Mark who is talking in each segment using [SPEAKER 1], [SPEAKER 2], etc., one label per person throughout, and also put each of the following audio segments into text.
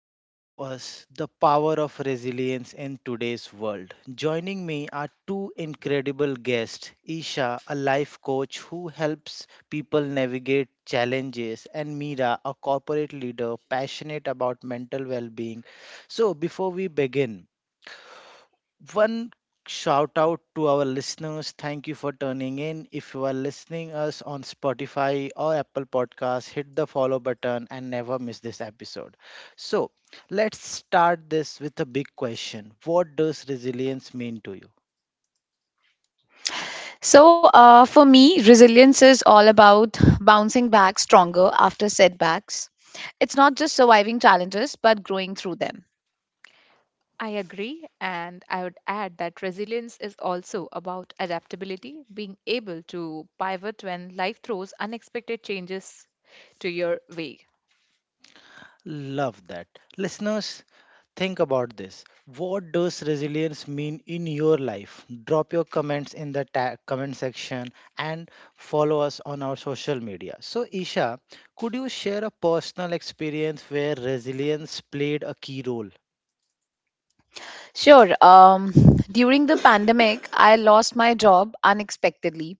[SPEAKER 1] all of us, the power of resilience in today's world. Joining me are two incredible guests, Isha, a life coach who helps people navigate challenges, and Meera, a corporate leader passionate about mental well being. So, before we begin, one shout out to our listeners, thank you for turning in. If you are listening us on Spotify or Apple Podcasts, hit the follow button and never miss this episode. So let's start this with a big question, what does resilience mean to you?
[SPEAKER 2] For me, resilience is all about bouncing back stronger after setbacks. It's not just surviving challenges, but growing through them.
[SPEAKER 3] I agree, and I would add that resilience is also about adaptability, being able to pivot when life throws unexpected changes to your way.
[SPEAKER 1] Love that. Listeners, think about this. What does resilience mean in your life? Drop your comments in the comment section and follow us on our social media. So, Isha, could you share a personal experience where resilience played a key role?
[SPEAKER 2] Sure. During the pandemic, I lost my job unexpectedly.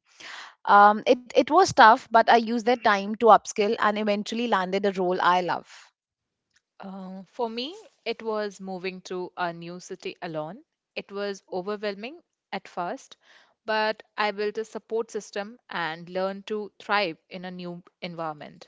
[SPEAKER 2] It was tough, but I used that time to upskill and eventually landed a role I love.
[SPEAKER 3] For me, it was moving to a new city alone. It was overwhelming at first, but I built a support system and learned to thrive in a new environment.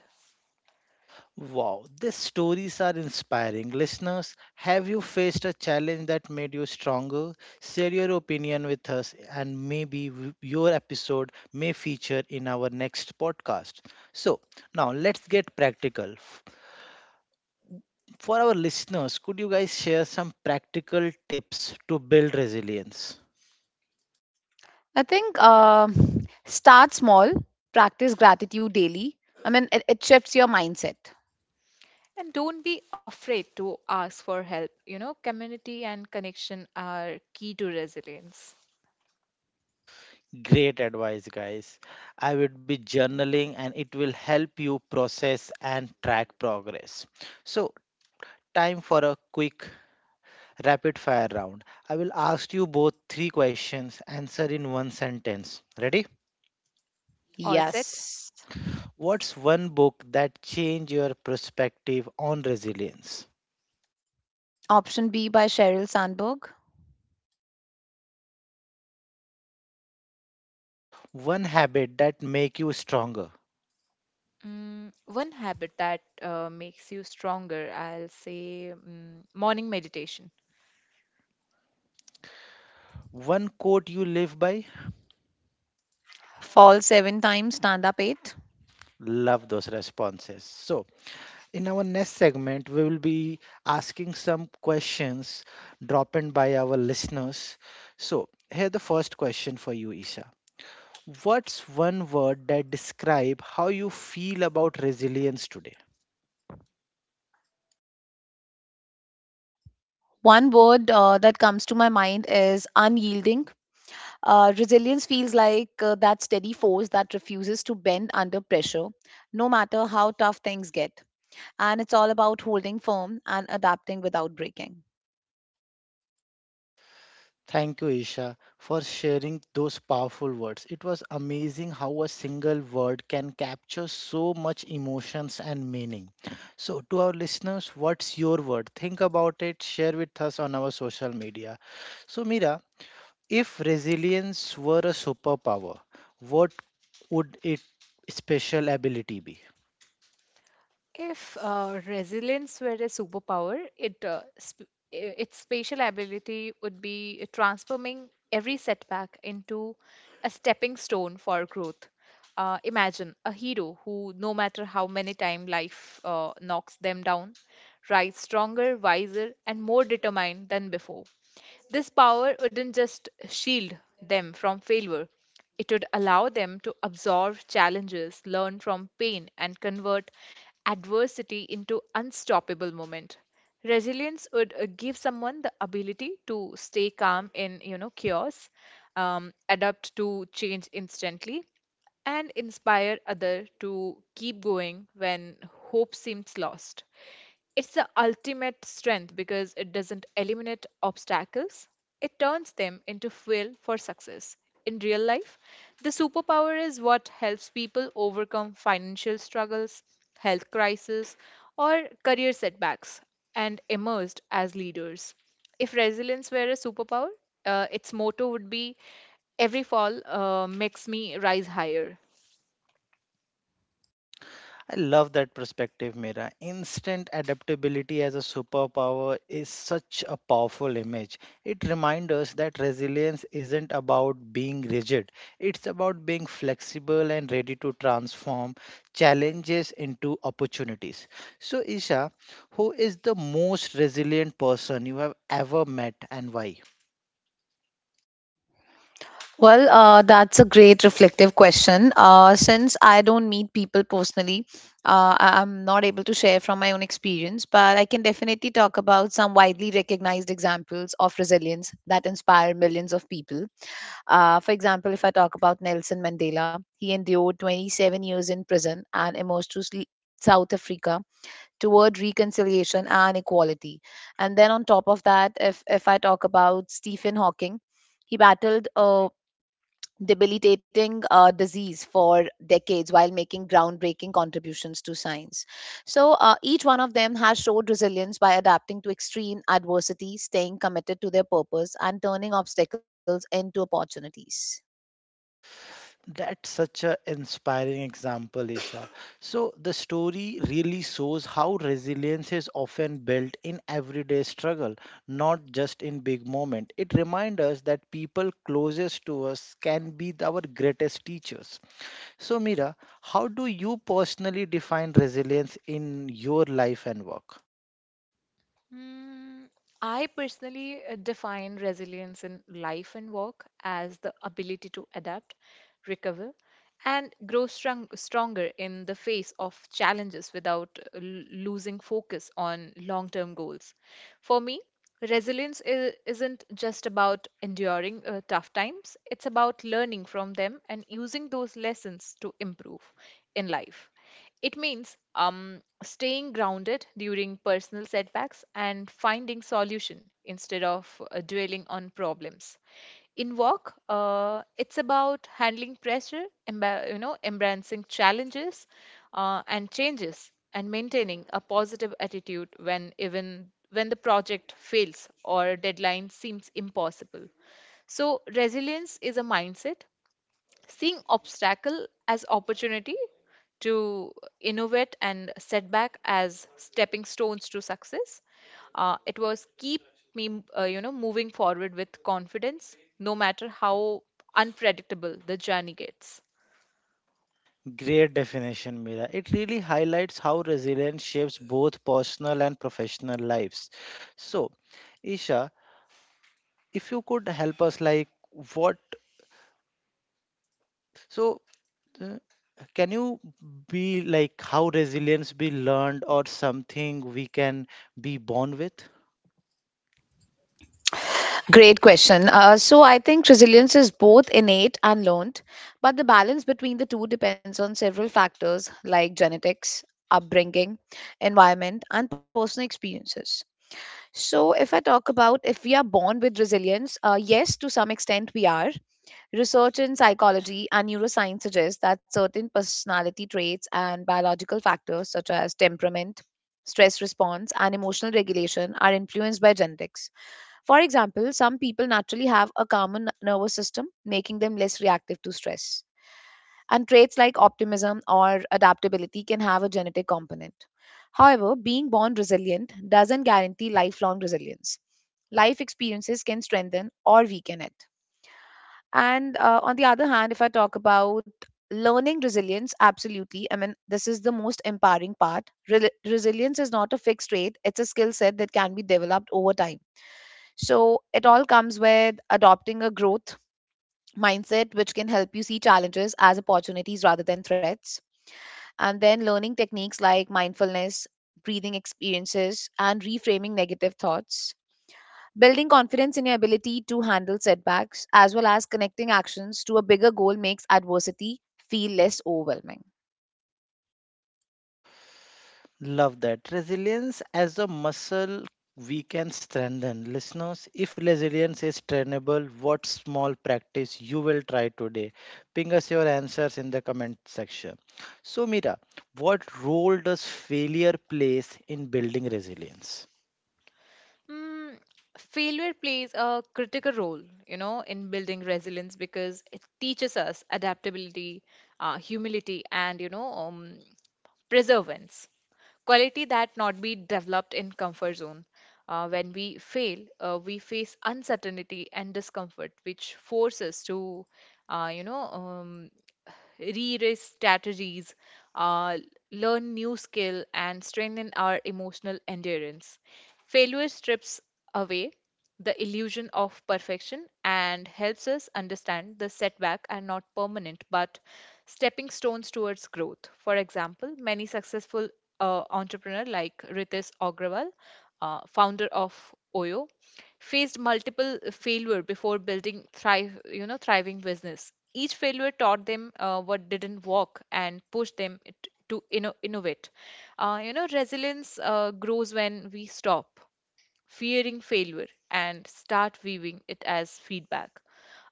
[SPEAKER 1] Wow, these stories are inspiring. Listeners, have you faced a challenge that made you stronger? Share your opinion with us, and maybe your episode may feature in our next podcast. So, now let's get practical. For our listeners, could you guys share some practical tips to build resilience?
[SPEAKER 2] I think start small, practice gratitude daily. I mean, it shifts your mindset.
[SPEAKER 3] And don't be afraid to ask for help. Community and connection are key to resilience.
[SPEAKER 1] Great advice, guys. I would be journaling, and it will help you process and track progress. So, time for a quick rapid fire round. I will ask you both three questions, answer in one sentence. Ready?
[SPEAKER 3] All set.
[SPEAKER 2] Yes.
[SPEAKER 1] What's one book that changed your perspective on resilience?
[SPEAKER 2] Option B by Sheryl Sandberg.
[SPEAKER 1] One habit that make you stronger?
[SPEAKER 3] One habit that makes you stronger, I'll say morning meditation.
[SPEAKER 1] One quote you live by?
[SPEAKER 2] Fall seven times, stand up eight.
[SPEAKER 1] Love those responses. So, in our next segment, we will be asking some questions dropped in by our listeners. So, here the first question for you, Isha. What's one word that describe how you feel about resilience today?
[SPEAKER 2] One word that comes to my mind is unyielding. Resilience feels like that steady force that refuses to bend under pressure, no matter how tough things get. And it's all about holding firm and adapting without breaking.
[SPEAKER 1] Thank you, Isha, for sharing those powerful words. It was amazing how a single word can capture so much emotions and meaning. So, to our listeners, what's your word? Think about it, share with us on our social media. So, Mira, if resilience were a superpower, what would its special ability be?
[SPEAKER 3] If resilience were a superpower, its spatial ability would be transforming every setback into a stepping stone for growth. Imagine a hero who, no matter how many times life knocks them down, rise stronger, wiser, and more determined than before. This power wouldn't just shield them from failure, it would allow them to absorb challenges, learn from pain, and convert adversity into unstoppable moment. Resilience would give someone the ability to stay calm in chaos, adapt to change instantly, and inspire other to keep going when hope seems lost. It's the ultimate strength because it doesn't eliminate obstacles, it turns them into fuel for success. In real life, the superpower is what helps people overcome financial struggles, health crises, or career setbacks, and emerged as leaders. If resilience were a superpower, its motto would be every fall makes me rise higher.
[SPEAKER 1] I love that perspective, Mira. Instant adaptability as a superpower is such a powerful image. It reminds us that resilience isn't about being rigid, it's about being flexible and ready to transform challenges into opportunities. So, Isha, who is the most resilient person you have ever met and why?
[SPEAKER 2] Well, that's a great reflective question. Since I don't meet people personally, I'm not able to share from my own experience, but I can definitely talk about some widely recognized examples of resilience that inspire millions of people. For example, if I talk about Nelson Mandela, he endured 27 years in prison and emerged to South Africa toward reconciliation and equality. And then on top of that, if I talk about Stephen Hawking, he battled debilitating disease for decades while making groundbreaking contributions to science. So, each one of them has showed resilience by adapting to extreme adversity, staying committed to their purpose, and turning obstacles into opportunities.
[SPEAKER 1] That's such an inspiring example, Isha. So, the story really shows how resilience is often built in everyday struggle, not just in big moments. It reminds us that people closest to us can be the- our greatest teachers. So, Mira, how do you personally define resilience in your life and work?
[SPEAKER 3] Mm, I personally define resilience in life and work as the ability to adapt, recover, and stronger in the face of challenges without losing focus on long term goals. For me, resilience isn't just about enduring tough times, it's about learning from them and using those lessons to improve in life. It means staying grounded during personal setbacks and finding solution instead of dwelling on problems. In work, it's about handling pressure, embracing challenges and changes, and maintaining a positive attitude when even when the project fails or deadline seems impossible. So, resilience is a mindset, seeing obstacle as opportunity to innovate and setback as stepping stones to success. It was keep me moving forward with confidence no matter how unpredictable the journey gets.
[SPEAKER 1] Great definition, Mira. It really highlights how resilience shapes both personal and professional lives. So, Isha, if you could help us like what, so uh, can you be like, how resilience be learned or something we can be born with?
[SPEAKER 2] Great question. So, I think resilience is both innate and learned, but the balance between the two depends on several factors like genetics, upbringing, environment, and personal experiences. So, if I talk about if we are born with resilience, yes, to some extent we are. Research in psychology and neuroscience suggests that certain personality traits and biological factors such as temperament, stress response, and emotional regulation are influenced by genetics. For example, some people naturally have a calmer nervous system, making them less reactive to stress and traits like optimism or adaptability can have a genetic component. However, being born resilient doesn't guarantee lifelong resilience. Life experiences can strengthen or weaken it. And on the other hand, if I talk about learning resilience, absolutely. I mean, this is the most empowering part. Rel Resilience is not a fixed trait; it's a skill set that can be developed over time. So it all comes with adopting a growth mindset, which can help you see challenges as opportunities rather than threats, and then learning techniques like mindfulness, breathing experiences, and reframing negative thoughts. Building confidence in your ability to handle setbacks as well as connecting actions to a bigger goal makes adversity feel less overwhelming.
[SPEAKER 1] Love that, resilience as a muscle we can strengthen. Listeners, if resilience is trainable, what small practice you will try today? Ping us your answers in the comment section. So, Mira, what role does failure plays in building resilience?
[SPEAKER 3] Mm, Failure plays a critical role, in building resilience because it teaches us adaptability, humility, and perseverance. Quality that not be developed in comfort zone. When we fail, we face uncertainty and discomfort, which force us to, uh, you know, um, re-raise strategies, uh, learn new skill, and strengthen our emotional endurance. Failure strips away the illusion of perfection and helps us understand the setback are not permanent but stepping stones towards growth. For example, many successful entrepreneur like Ritesh Agrawal, founder of Oyo, faced multiple failure before building thriving business. Each failure taught them what didn't work and pushed them to innovate. Resilience grows when we stop fearing failure and start viewing it as feedback,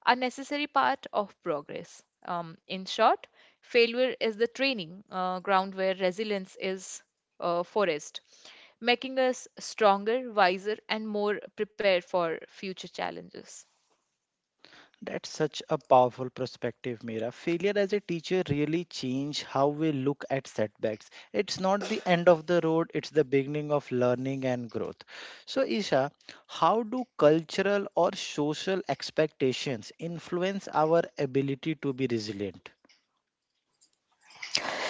[SPEAKER 3] a necessary part of progress. In short, failure is the training ground where resilience is forest, making us stronger, wiser, and more prepared for future challenges.
[SPEAKER 1] That's such a powerful perspective, Mira. Failure as a teacher really changed how we look at setbacks. It's not the end of the road, it's the beginning of learning and growth. So, Isha, how do cultural or social expectations influence our ability to be resilient?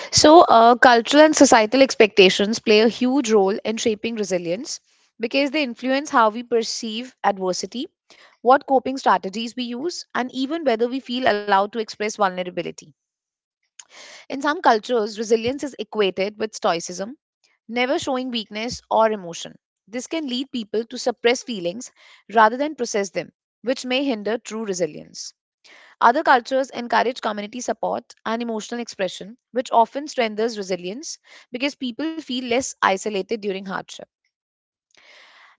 [SPEAKER 2] So, cultural and societal expectations play a huge role in shaping resilience because they influence how we perceive adversity, what coping strategies we use, and even whether we feel allowed to express vulnerability. In some cultures, resilience is equated with stoicism, never showing weakness or emotion. This can lead people to suppress feelings rather than process them, which may hinder true resilience. Other cultures encourage community support and emotional expression, which often strengthens resilience because people feel less isolated during hardship.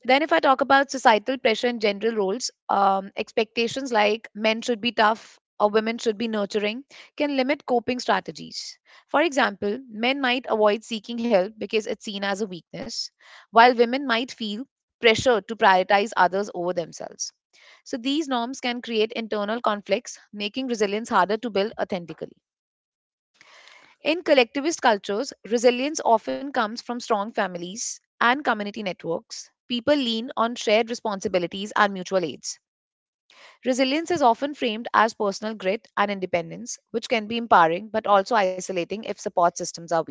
[SPEAKER 2] Then, if I talk about societal pressure and general roles, expectations like men should be tough or women should be nurturing can limit coping strategies. For example, men might avoid seeking help because it's seen as a weakness, while women might feel pressure to prioritize others over themselves. So, these norms can create internal conflicts, making resilience harder to build authentically. In collectivist cultures, resilience often comes from strong families and community networks. People lean on shared responsibilities and mutual aids. Resilience is often framed as personal grit and independence, which can be empowering but also isolating if support systems are weak.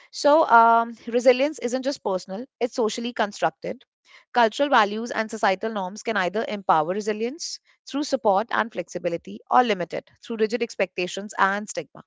[SPEAKER 2] So, resilience isn't just personal, it's socially constructed. Cultural values and societal norms can either empower resilience through support and flexibility or limit it through rigid expectations and stigma.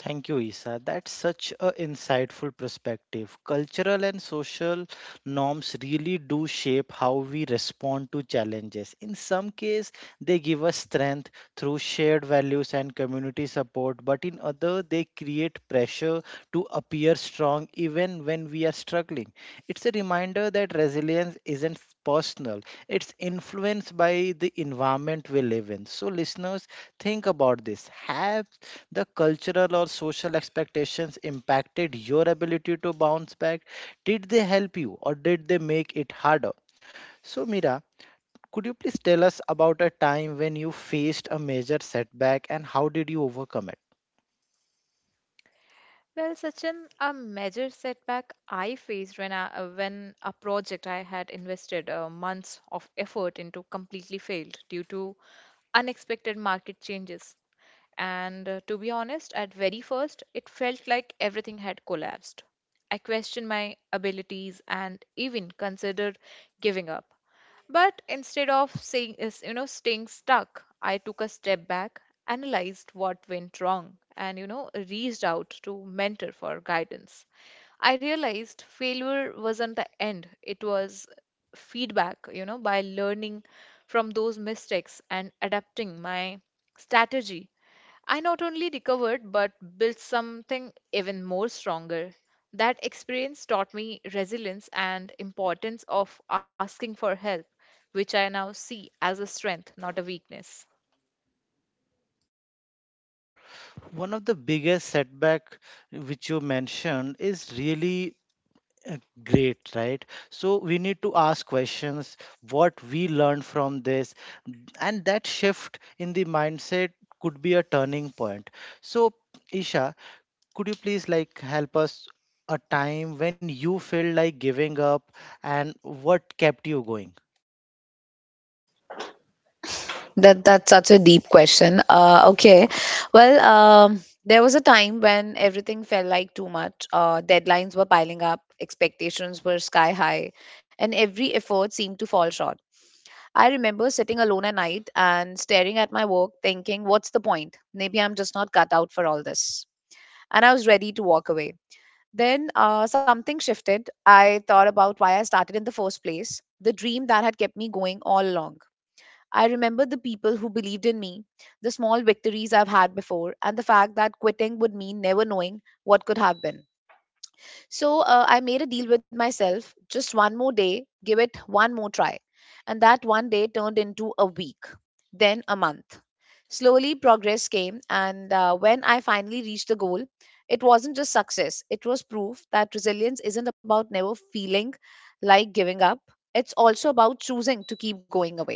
[SPEAKER 1] Thank you, Isa. That's such a insightful perspective. Cultural and social norms really do shape how we respond to challenges. In some cases, they give us strength through shared values and community support, but in other, they create pressure to appear strong even when we are struggling. It's a reminder that resilience isn't personal, it's influenced by the environment we live in. So, listeners, think about this. Have the cultural or social expectations impacted your ability to bounce back? Did they help you or did they make it harder? So, Mira, could you please tell us about a time when you faced a major setback and how did you overcome it?
[SPEAKER 3] Well, Sachin, a major setback I faced when a project I had invested months of effort into completely failed due to unexpected market changes. And to be honest, at very first, it felt like everything had collapsed. I questioned my abilities and even considered giving up. But instead of saying is, you know, staying stuck, I took a step back, analyzed what went wrong, and reached out to mentor for guidance. I realized failure wasn't the end. It was feedback. By learning from those mistakes and adapting my strategy, I not only recovered but built something even more stronger. That experience taught me resilience and importance of asking for help, which I now see as a strength, not a weakness.
[SPEAKER 1] One of the biggest setback which you mentioned is really, uh, great, right? So we need to ask questions what we learned from this, and that shift in the mindset could be a turning point. So, Isha, could you please like help us, a time when you felt like giving up and what kept you going?
[SPEAKER 2] That's such a deep question. Okay, well, there was a time when everything felt like too much. Deadlines were piling up, expectations were sky high, and every effort seemed to fall short. I remember sitting alone at night and staring at my work, thinking, "What's the point? Maybe I'm just not cut out for all this." And I was ready to walk away. Then something shifted. I thought about why I started in the first place, the dream that had kept me going all along. I remembered the people who believed in me, the small victories I've had before, and the fact that quitting would mean never knowing what could have been. So I made a deal with myself, just one more day, give it one more try. And that one day turned into a week, then a month. Slowly, progress came. And when I finally reached the goal, it wasn't just success, it was proof that resilience isn't about never feeling like giving up. It's also about choosing to keep going away.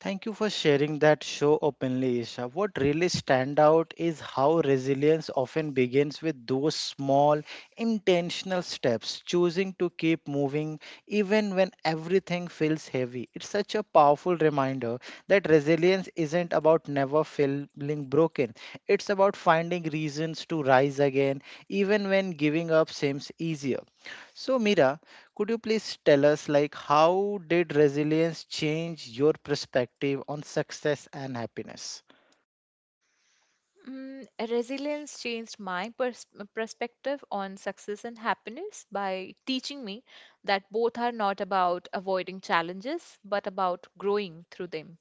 [SPEAKER 1] Thank you for sharing that so openly, Isha. What really stand out is how resilience often begins with those small, intentional steps, choosing to keep moving even when everything feels heavy. It's such a powerful reminder that resilience isn't about never feeling broken. It's about finding reasons to rise again, even when giving up seems easier. So, Mira, could you please tell us, like, how did resilience change your perspective on success and happiness?
[SPEAKER 3] Resilience changed my perspective on success and happiness by teaching me that both are not about avoiding challenges but about growing through them.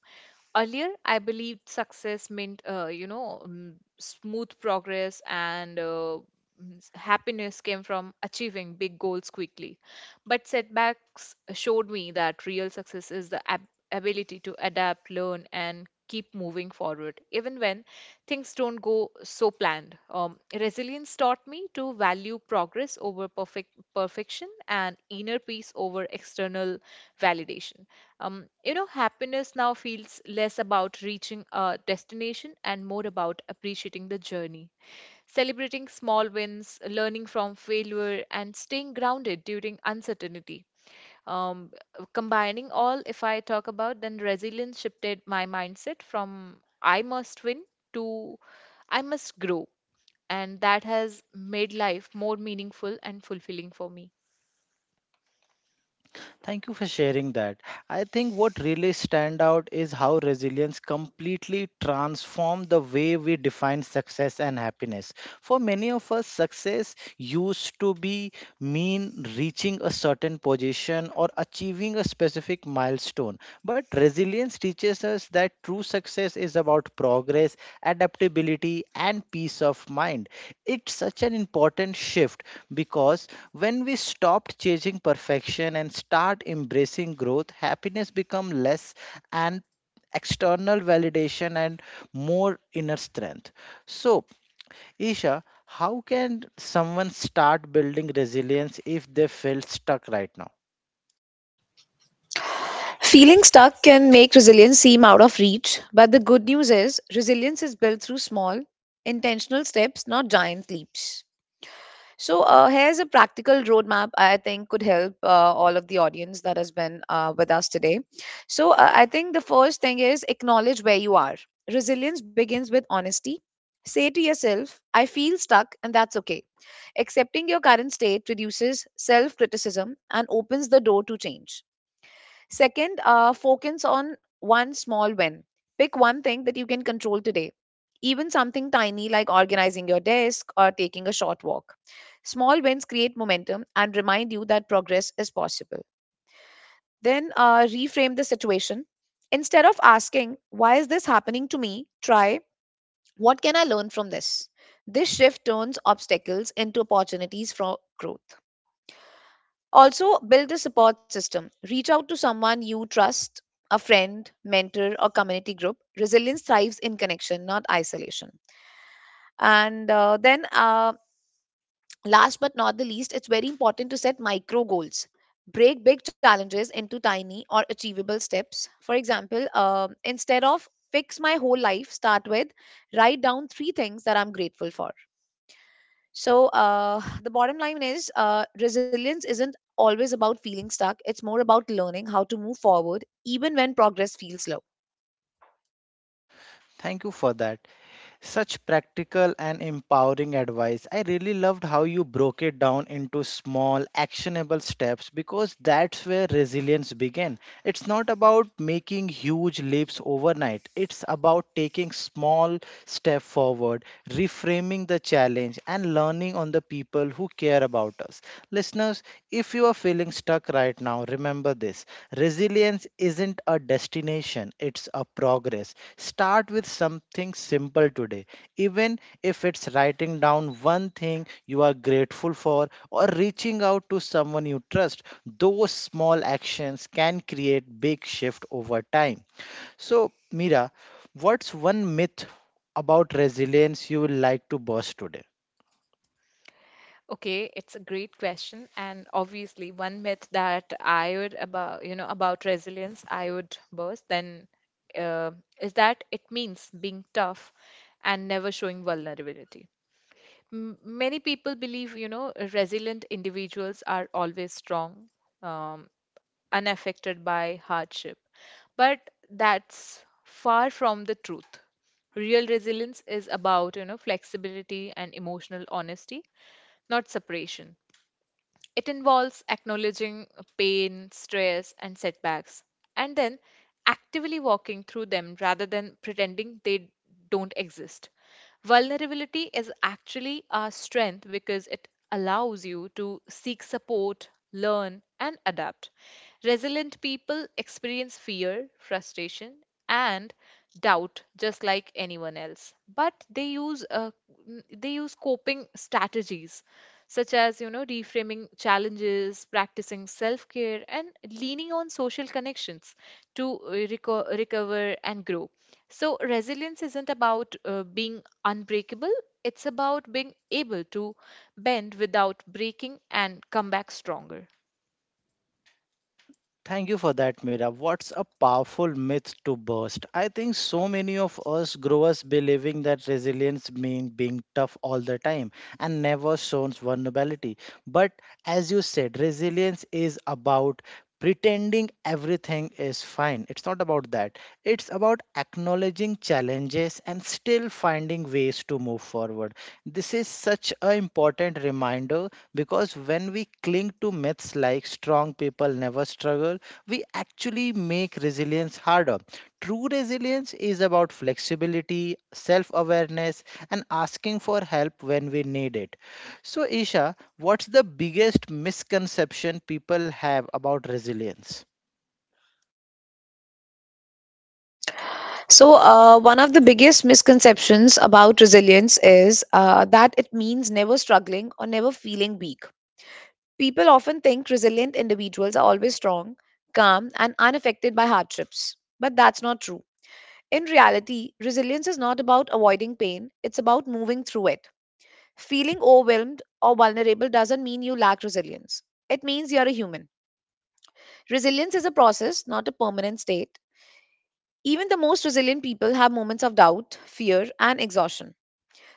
[SPEAKER 3] Earlier, I believed success meant, smooth progress and happiness came from achieving big goals quickly. But setbacks showed me that real success is the ability to adapt, learn, and keep moving forward, even when things don't go so planned. Resilience taught me to value progress over perfection and inner peace over external validation. Happiness now feels less about reaching a destination and more about appreciating the journey, celebrating small wins, learning from failure, and staying grounded during uncertainty. Um, Combining all, if I talk about, then resilience shifted my mindset from "I must win" to "I must grow." And that has made life more meaningful and fulfilling for me.
[SPEAKER 1] Thank you for sharing that. I think what really stand out is how resilience completely transformed the way we define success and happiness. For many of us, success used to be mean reaching a certain position or achieving a specific milestone, but resilience teaches us that true success is about progress, adaptability, and peace of mind. It's such an important shift because when we stopped chasing perfection and start embracing growth, happiness becomes less an external validation and more inner strength. So, Isha, how can someone start building resilience if they feel stuck right now?
[SPEAKER 2] Feeling stuck can make resilience seem out of reach, but the good news is resilience is built through small, intentional steps, not giant leaps. So here's a practical roadmap I think could help all of the audience that has been with us today. So, I think the first thing is acknowledge where you are. Resilience begins with honesty. Say to yourself, I feel stuck and that's okay. Accepting your current state reduces self criticism and opens the door to change. Second, focus on one small win. Pick one thing that you can control today, even something tiny like organizing your desk or taking a short walk. Small wins create momentum and remind you that progress is possible. Then reframe the situation. Instead of asking, why is this happening to me? Try, what can I learn from this? This shift turns obstacles into opportunities for growth. Also, build a support system. Reach out to someone you trust, a friend, mentor, or community group. Resilience thrives in connection, not isolation. And then, last but not the least, it's very important to set micro goals. Break big challenges into tiny or achievable steps. For example, instead of fix my whole life, start with write down three things that I'm grateful for. So, the bottom line is resilience isn't always about feeling stuck. It's more about learning how to move forward even when progress feels slow.
[SPEAKER 1] Thank you for that. Such practical and empowering advice. I really loved how you broke it down into small, actionable steps because that's where resilience began. It's not about making huge leaps overnight, it's about taking small steps step forward, reframing the challenge, and learning on the people who care about us. Listeners, if you are feeling stuck right now, remember this, resilience isn't a destination, it's a progress. Start with something simple today, even if it's writing down one thing you are grateful for or reaching out to someone you trust. Those small actions can create big shift over time. So, Mira, what's one myth about resilience you would like to burst today?
[SPEAKER 3] Okay, it's a great question, and obviously one myth that I would about you know about resilience I would burst then uh, is that it means being tough and never showing vulnerability. Many people believe resilient individuals are always strong, um, unaffected by hardship, but that's far from the truth. Real resilience is about flexibility and emotional honesty, not separation. It involves acknowledging pain, stress, and setbacks, and then actively walking through them rather than pretending they don't exist. Vulnerability is actually our strength because it allows you to seek support, learn, and adapt. Resilient people experience fear, frustration, and doubt just like anyone else, but they use they use coping strategies such as reframing challenges, practicing self care, and leaning on social connections to recover and grow. So resilience isn't about being unbreakable, it's about being able to bend without breaking and come back stronger.
[SPEAKER 1] Thank you for that, Mira. What's a powerful myth to burst? I think so many of us grow up believing that resilience means being tough all the time and never shows vulnerability. But as you said, resilience is about pretending everything is fine. It's not about that. It's about acknowledging challenges and still finding ways to move forward. This is such an important reminder because when we cling to myths like strong people never struggle, we actually make resilience harder. True resilience is about flexibility, self awareness, and asking for help when we need it. So, Isha, what's the biggest misconception people have about resilience?
[SPEAKER 2] So, one of the biggest misconceptions about resilience is that it means never struggling or never feeling weak. People often think resilient individuals are always strong, calm, and unaffected by hardships. But that's not true. In reality, resilience is not about avoiding pain, it's about moving through it. Feeling overwhelmed or vulnerable doesn't mean you lack resilience. It means you're a human. Resilience is a process, not a permanent state. Even the most resilient people have moments of doubt, fear, and exhaustion.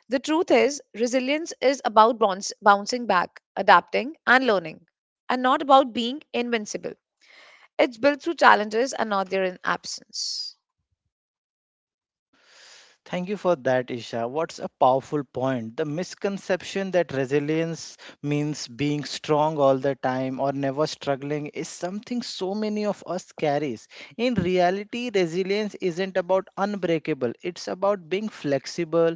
[SPEAKER 2] The truth is, resilience is about bouncing back, adapting, and learning, and not about being invincible. It's built through challenges and not their absence.
[SPEAKER 1] Thank you for that, Isha. What's a powerful point? The misconception that resilience means being strong all the time or never struggling is something so many of us carries. In reality, resilience isn't about unbreakable, it's about being flexible,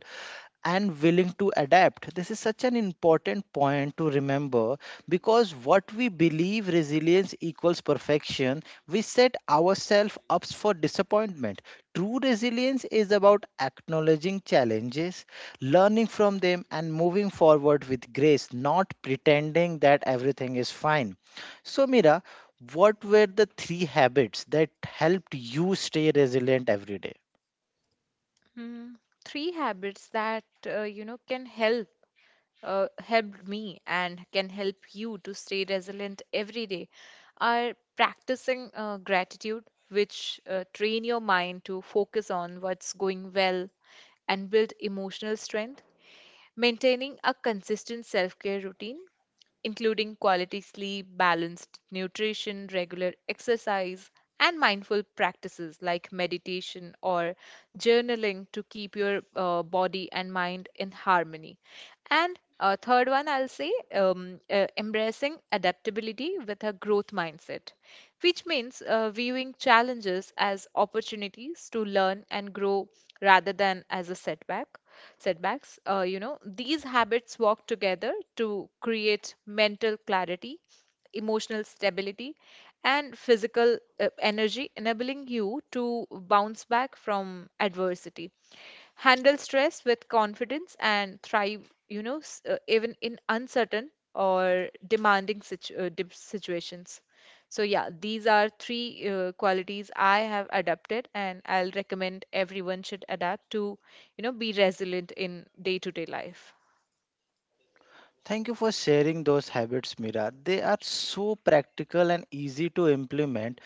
[SPEAKER 1] and willing to adapt. This is such an important point to remember because what we believe resilience equals perfection, we set ourselves up for disappointment. True resilience is about acknowledging challenges, learning from them, and moving forward with grace, not pretending that everything is fine. So, Mira, what were the three habits that helped you stay resilient every day?
[SPEAKER 3] Mm, Three habits that can help helped me and can help you to stay resilient every day are practicing gratitude, which train your mind to focus on what's going well and build emotional strength. Maintaining a consistent self care routine, including quality sleep, balanced nutrition, regular exercise, and mindful practices like meditation or journaling to keep your body and mind in harmony. And third one, I'll say embracing adaptability with a growth mindset, which means viewing challenges as opportunities to learn and grow rather than as a setback setbacks. These habits work together to create mental clarity, emotional stability, and physical energy, enabling you to bounce back from adversity, handle stress with confidence, and thrive, even in uncertain or demanding situations. So, yeah, these are three qualities I have adopted, and I'll recommend everyone should adapt to, be resilient in day to day life.
[SPEAKER 1] Thank you for sharing those habits, Mira. They are so practical and easy to implement.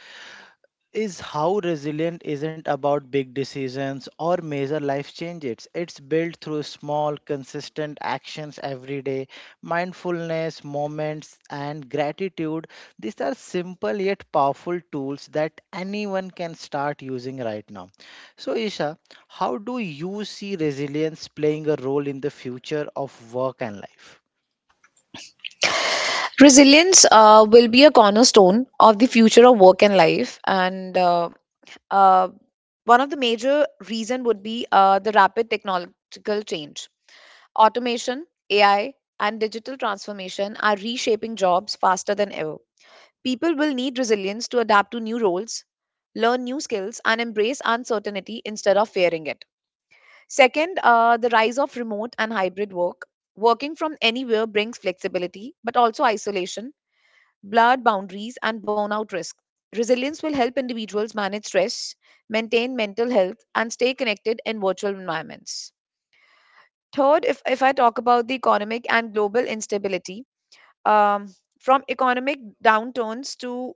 [SPEAKER 1] Is how resilient isn't about big decisions or major life changes. It's built through small, consistent actions every day, mindfulness, moments, and gratitude. These are simple yet powerful tools that anyone can start using right now. So, Isha, how do you see resilience playing a role in the future of work and life?
[SPEAKER 2] Resilience will be a cornerstone of the future of work and life, and Uh, one of the major reason would be the rapid technological change. Automation, AI, and digital transformation are reshaping jobs faster than ever. People will need resilience to adapt to new roles, learn new skills, and embrace uncertainty instead of fearing it. Second, the rise of remote and hybrid work. Working from anywhere brings flexibility, but also isolation, blurred boundaries, and burnout risk. Resilience will help individuals manage stress, maintain mental health, and stay connected in virtual environments. Third, if I talk about the economic and global instability, um, from economic downturns to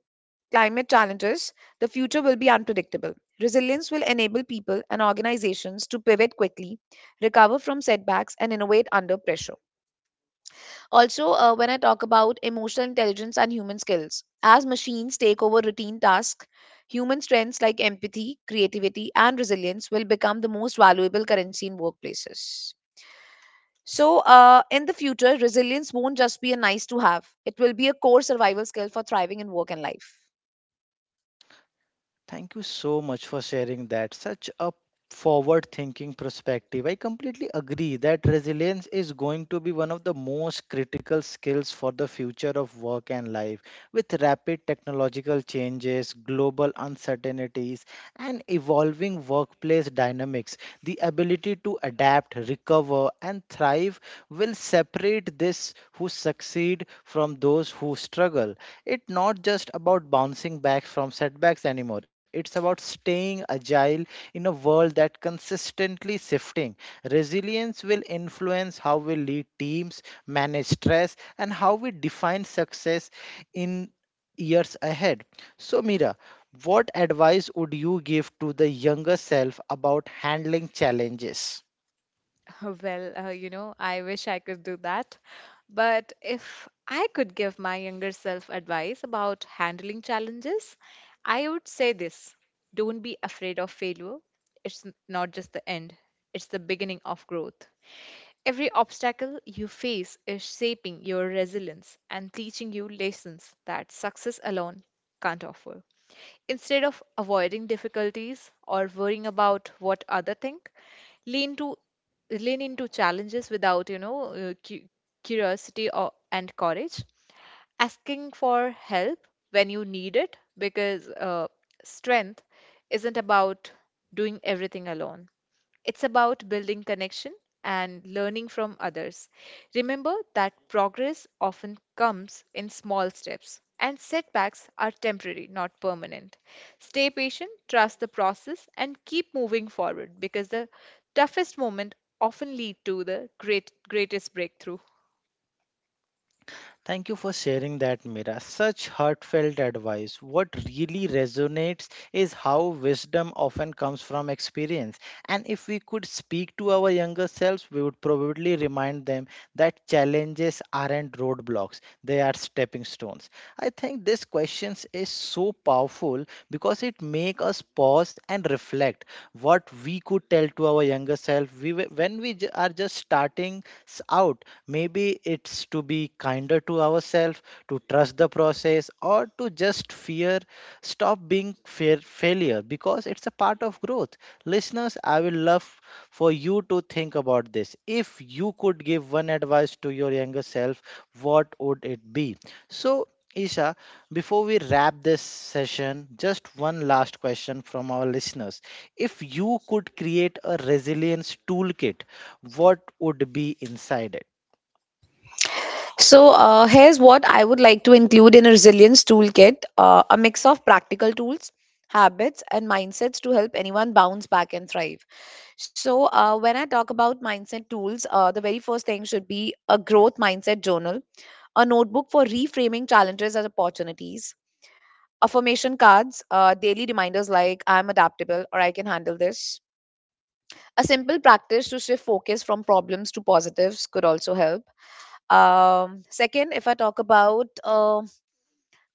[SPEAKER 2] climate challenges, the future will be unpredictable. Resilience will enable people and organizations to pivot quickly, recover from setbacks, and innovate under pressure. Also, when I talk about emotional intelligence and human skills, as machines take over routine tasks, human strengths like empathy, creativity, and resilience will become the most valuable currency in workplaces. So, in the future, resilience won't just be a nice to have, it will be a core survival skill for thriving in work and life.
[SPEAKER 1] Thank you so much for sharing that. Such a forward thinking perspective. I completely agree that resilience is going to be one of the most critical skills for the future of work and life. With rapid technological changes, global uncertainties, and evolving workplace dynamics, the ability to adapt, recover, and thrive will separate this who succeed from those who struggle. It's not just about bouncing back from setbacks anymore. It's about staying agile in a world that consistently shifting. Resilience will influence how we lead teams, manage stress, and how we define success in years ahead. So, Mira, what advice would you give to the younger self about handling challenges?
[SPEAKER 3] Well, I wish I could do that. But if I could give my younger self advice about handling challenges, I would say this: don't be afraid of failure. It's not just the end, it's the beginning of growth. Every obstacle you face is shaping your resilience and teaching you lessons that success alone can't offer. Instead of avoiding difficulties or worrying about what other think, lean to lean into challenges without you know cu- curiosity and courage, asking for help when you need it, because strength isn't about doing everything alone. It's about building connection and learning from others. Remember that progress often comes in small steps, and setbacks are temporary, not permanent. Stay patient, trust the process, and keep moving forward because the toughest moment often lead to the greatest breakthrough.
[SPEAKER 1] Thank you for sharing that, Mira. Such heartfelt advice. What really resonates is how wisdom often comes from experience. And if we could speak to our younger selves, we would probably remind them that challenges aren't roadblocks, they are stepping stones. I think this question is so powerful because it makes us pause and reflect what we could tell to our younger self when we are just starting out, maybe it's to be kinder to ourselves, to trust the process, or to just fear, stop being fear failure because it's a part of growth. Listeners, I will love for you to think about this, if you could give one advice to your younger self, what would it be? So, Isha, before we wrap this session, just one last question from our listeners. If you could create a resilience toolkit, what would be inside it?
[SPEAKER 2] So, here's what I would like to include in a resilience toolkit, a mix of practical tools, habits, and mindsets to help anyone bounce back and thrive. So, when I talk about mindset tools, the very first thing should be a growth mindset journal, a notebook for reframing challenges as opportunities, affirmation cards, daily reminders like I'm adaptable or I can handle this. A simple practice to shift focus from problems to positives could also help. Second, if I talk about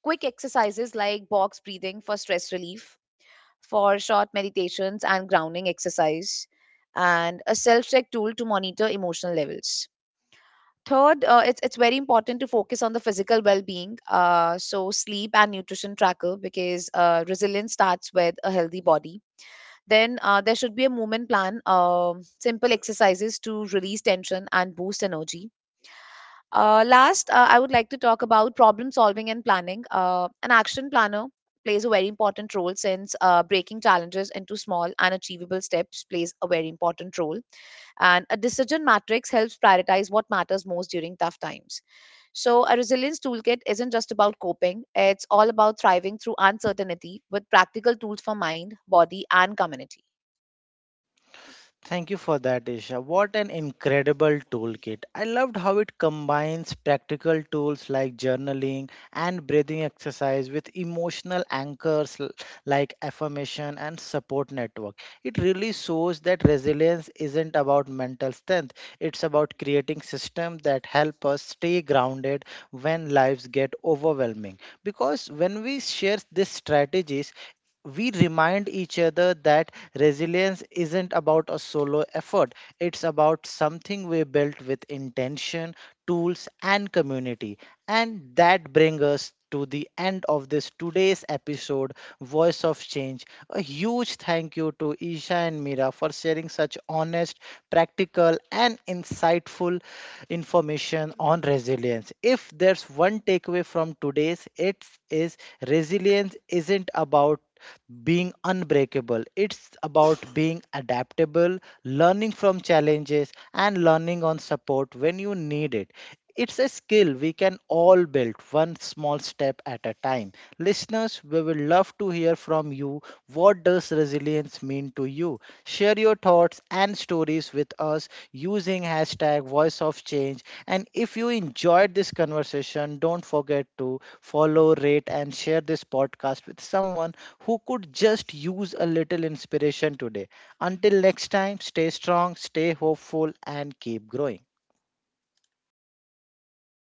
[SPEAKER 2] quick exercises like box breathing for stress relief, for short meditations and grounding exercise, and a self check tool to monitor emotional levels. Third, it's very important to focus on the physical well being, so sleep and nutrition tracker, because resilience starts with a healthy body. Then there should be a movement plan, simple exercises to release tension and boost energy. Last, I would like to talk about problem solving and planning. An action planner plays a very important role since breaking challenges into small and achievable steps plays a very important role and a decision matrix helps prioritize what matters most during tough times. So, a resilience toolkit isn't just about coping, it's all about thriving through uncertainty with practical tools for mind, body, and community.
[SPEAKER 1] Thank you for that, Isha. What an incredible toolkit. I loved how it combines practical tools like journaling and breathing exercise with emotional anchors like affirmation and support network. It really shows that resilience isn't about mental strength, it's about creating systems that help us stay grounded when lives get overwhelming. Because when we share these strategies, we remind each other that resilience isn't about a solo effort, it's about something we built with intention, tools, and community. And that brings us to the end of this today's episode, Voice of Change. A huge thank you to Isha and Mira for sharing such honest, practical, and insightful information on resilience. If there's one takeaway from today's, it is resilience isn't about being unbreakable. It's about being adaptable, learning from challenges, and learning on support when you need it. It's a skill we can all build one small step at a time. Listeners, we will love to hear from you. What does resilience mean to you? Share your thoughts and stories with us using hashtag Voice of Change. And if you enjoyed this conversation, don't forget to follow, rate, and share this podcast with someone who could just use a little inspiration today. Until next time, stay strong, stay hopeful, and keep growing.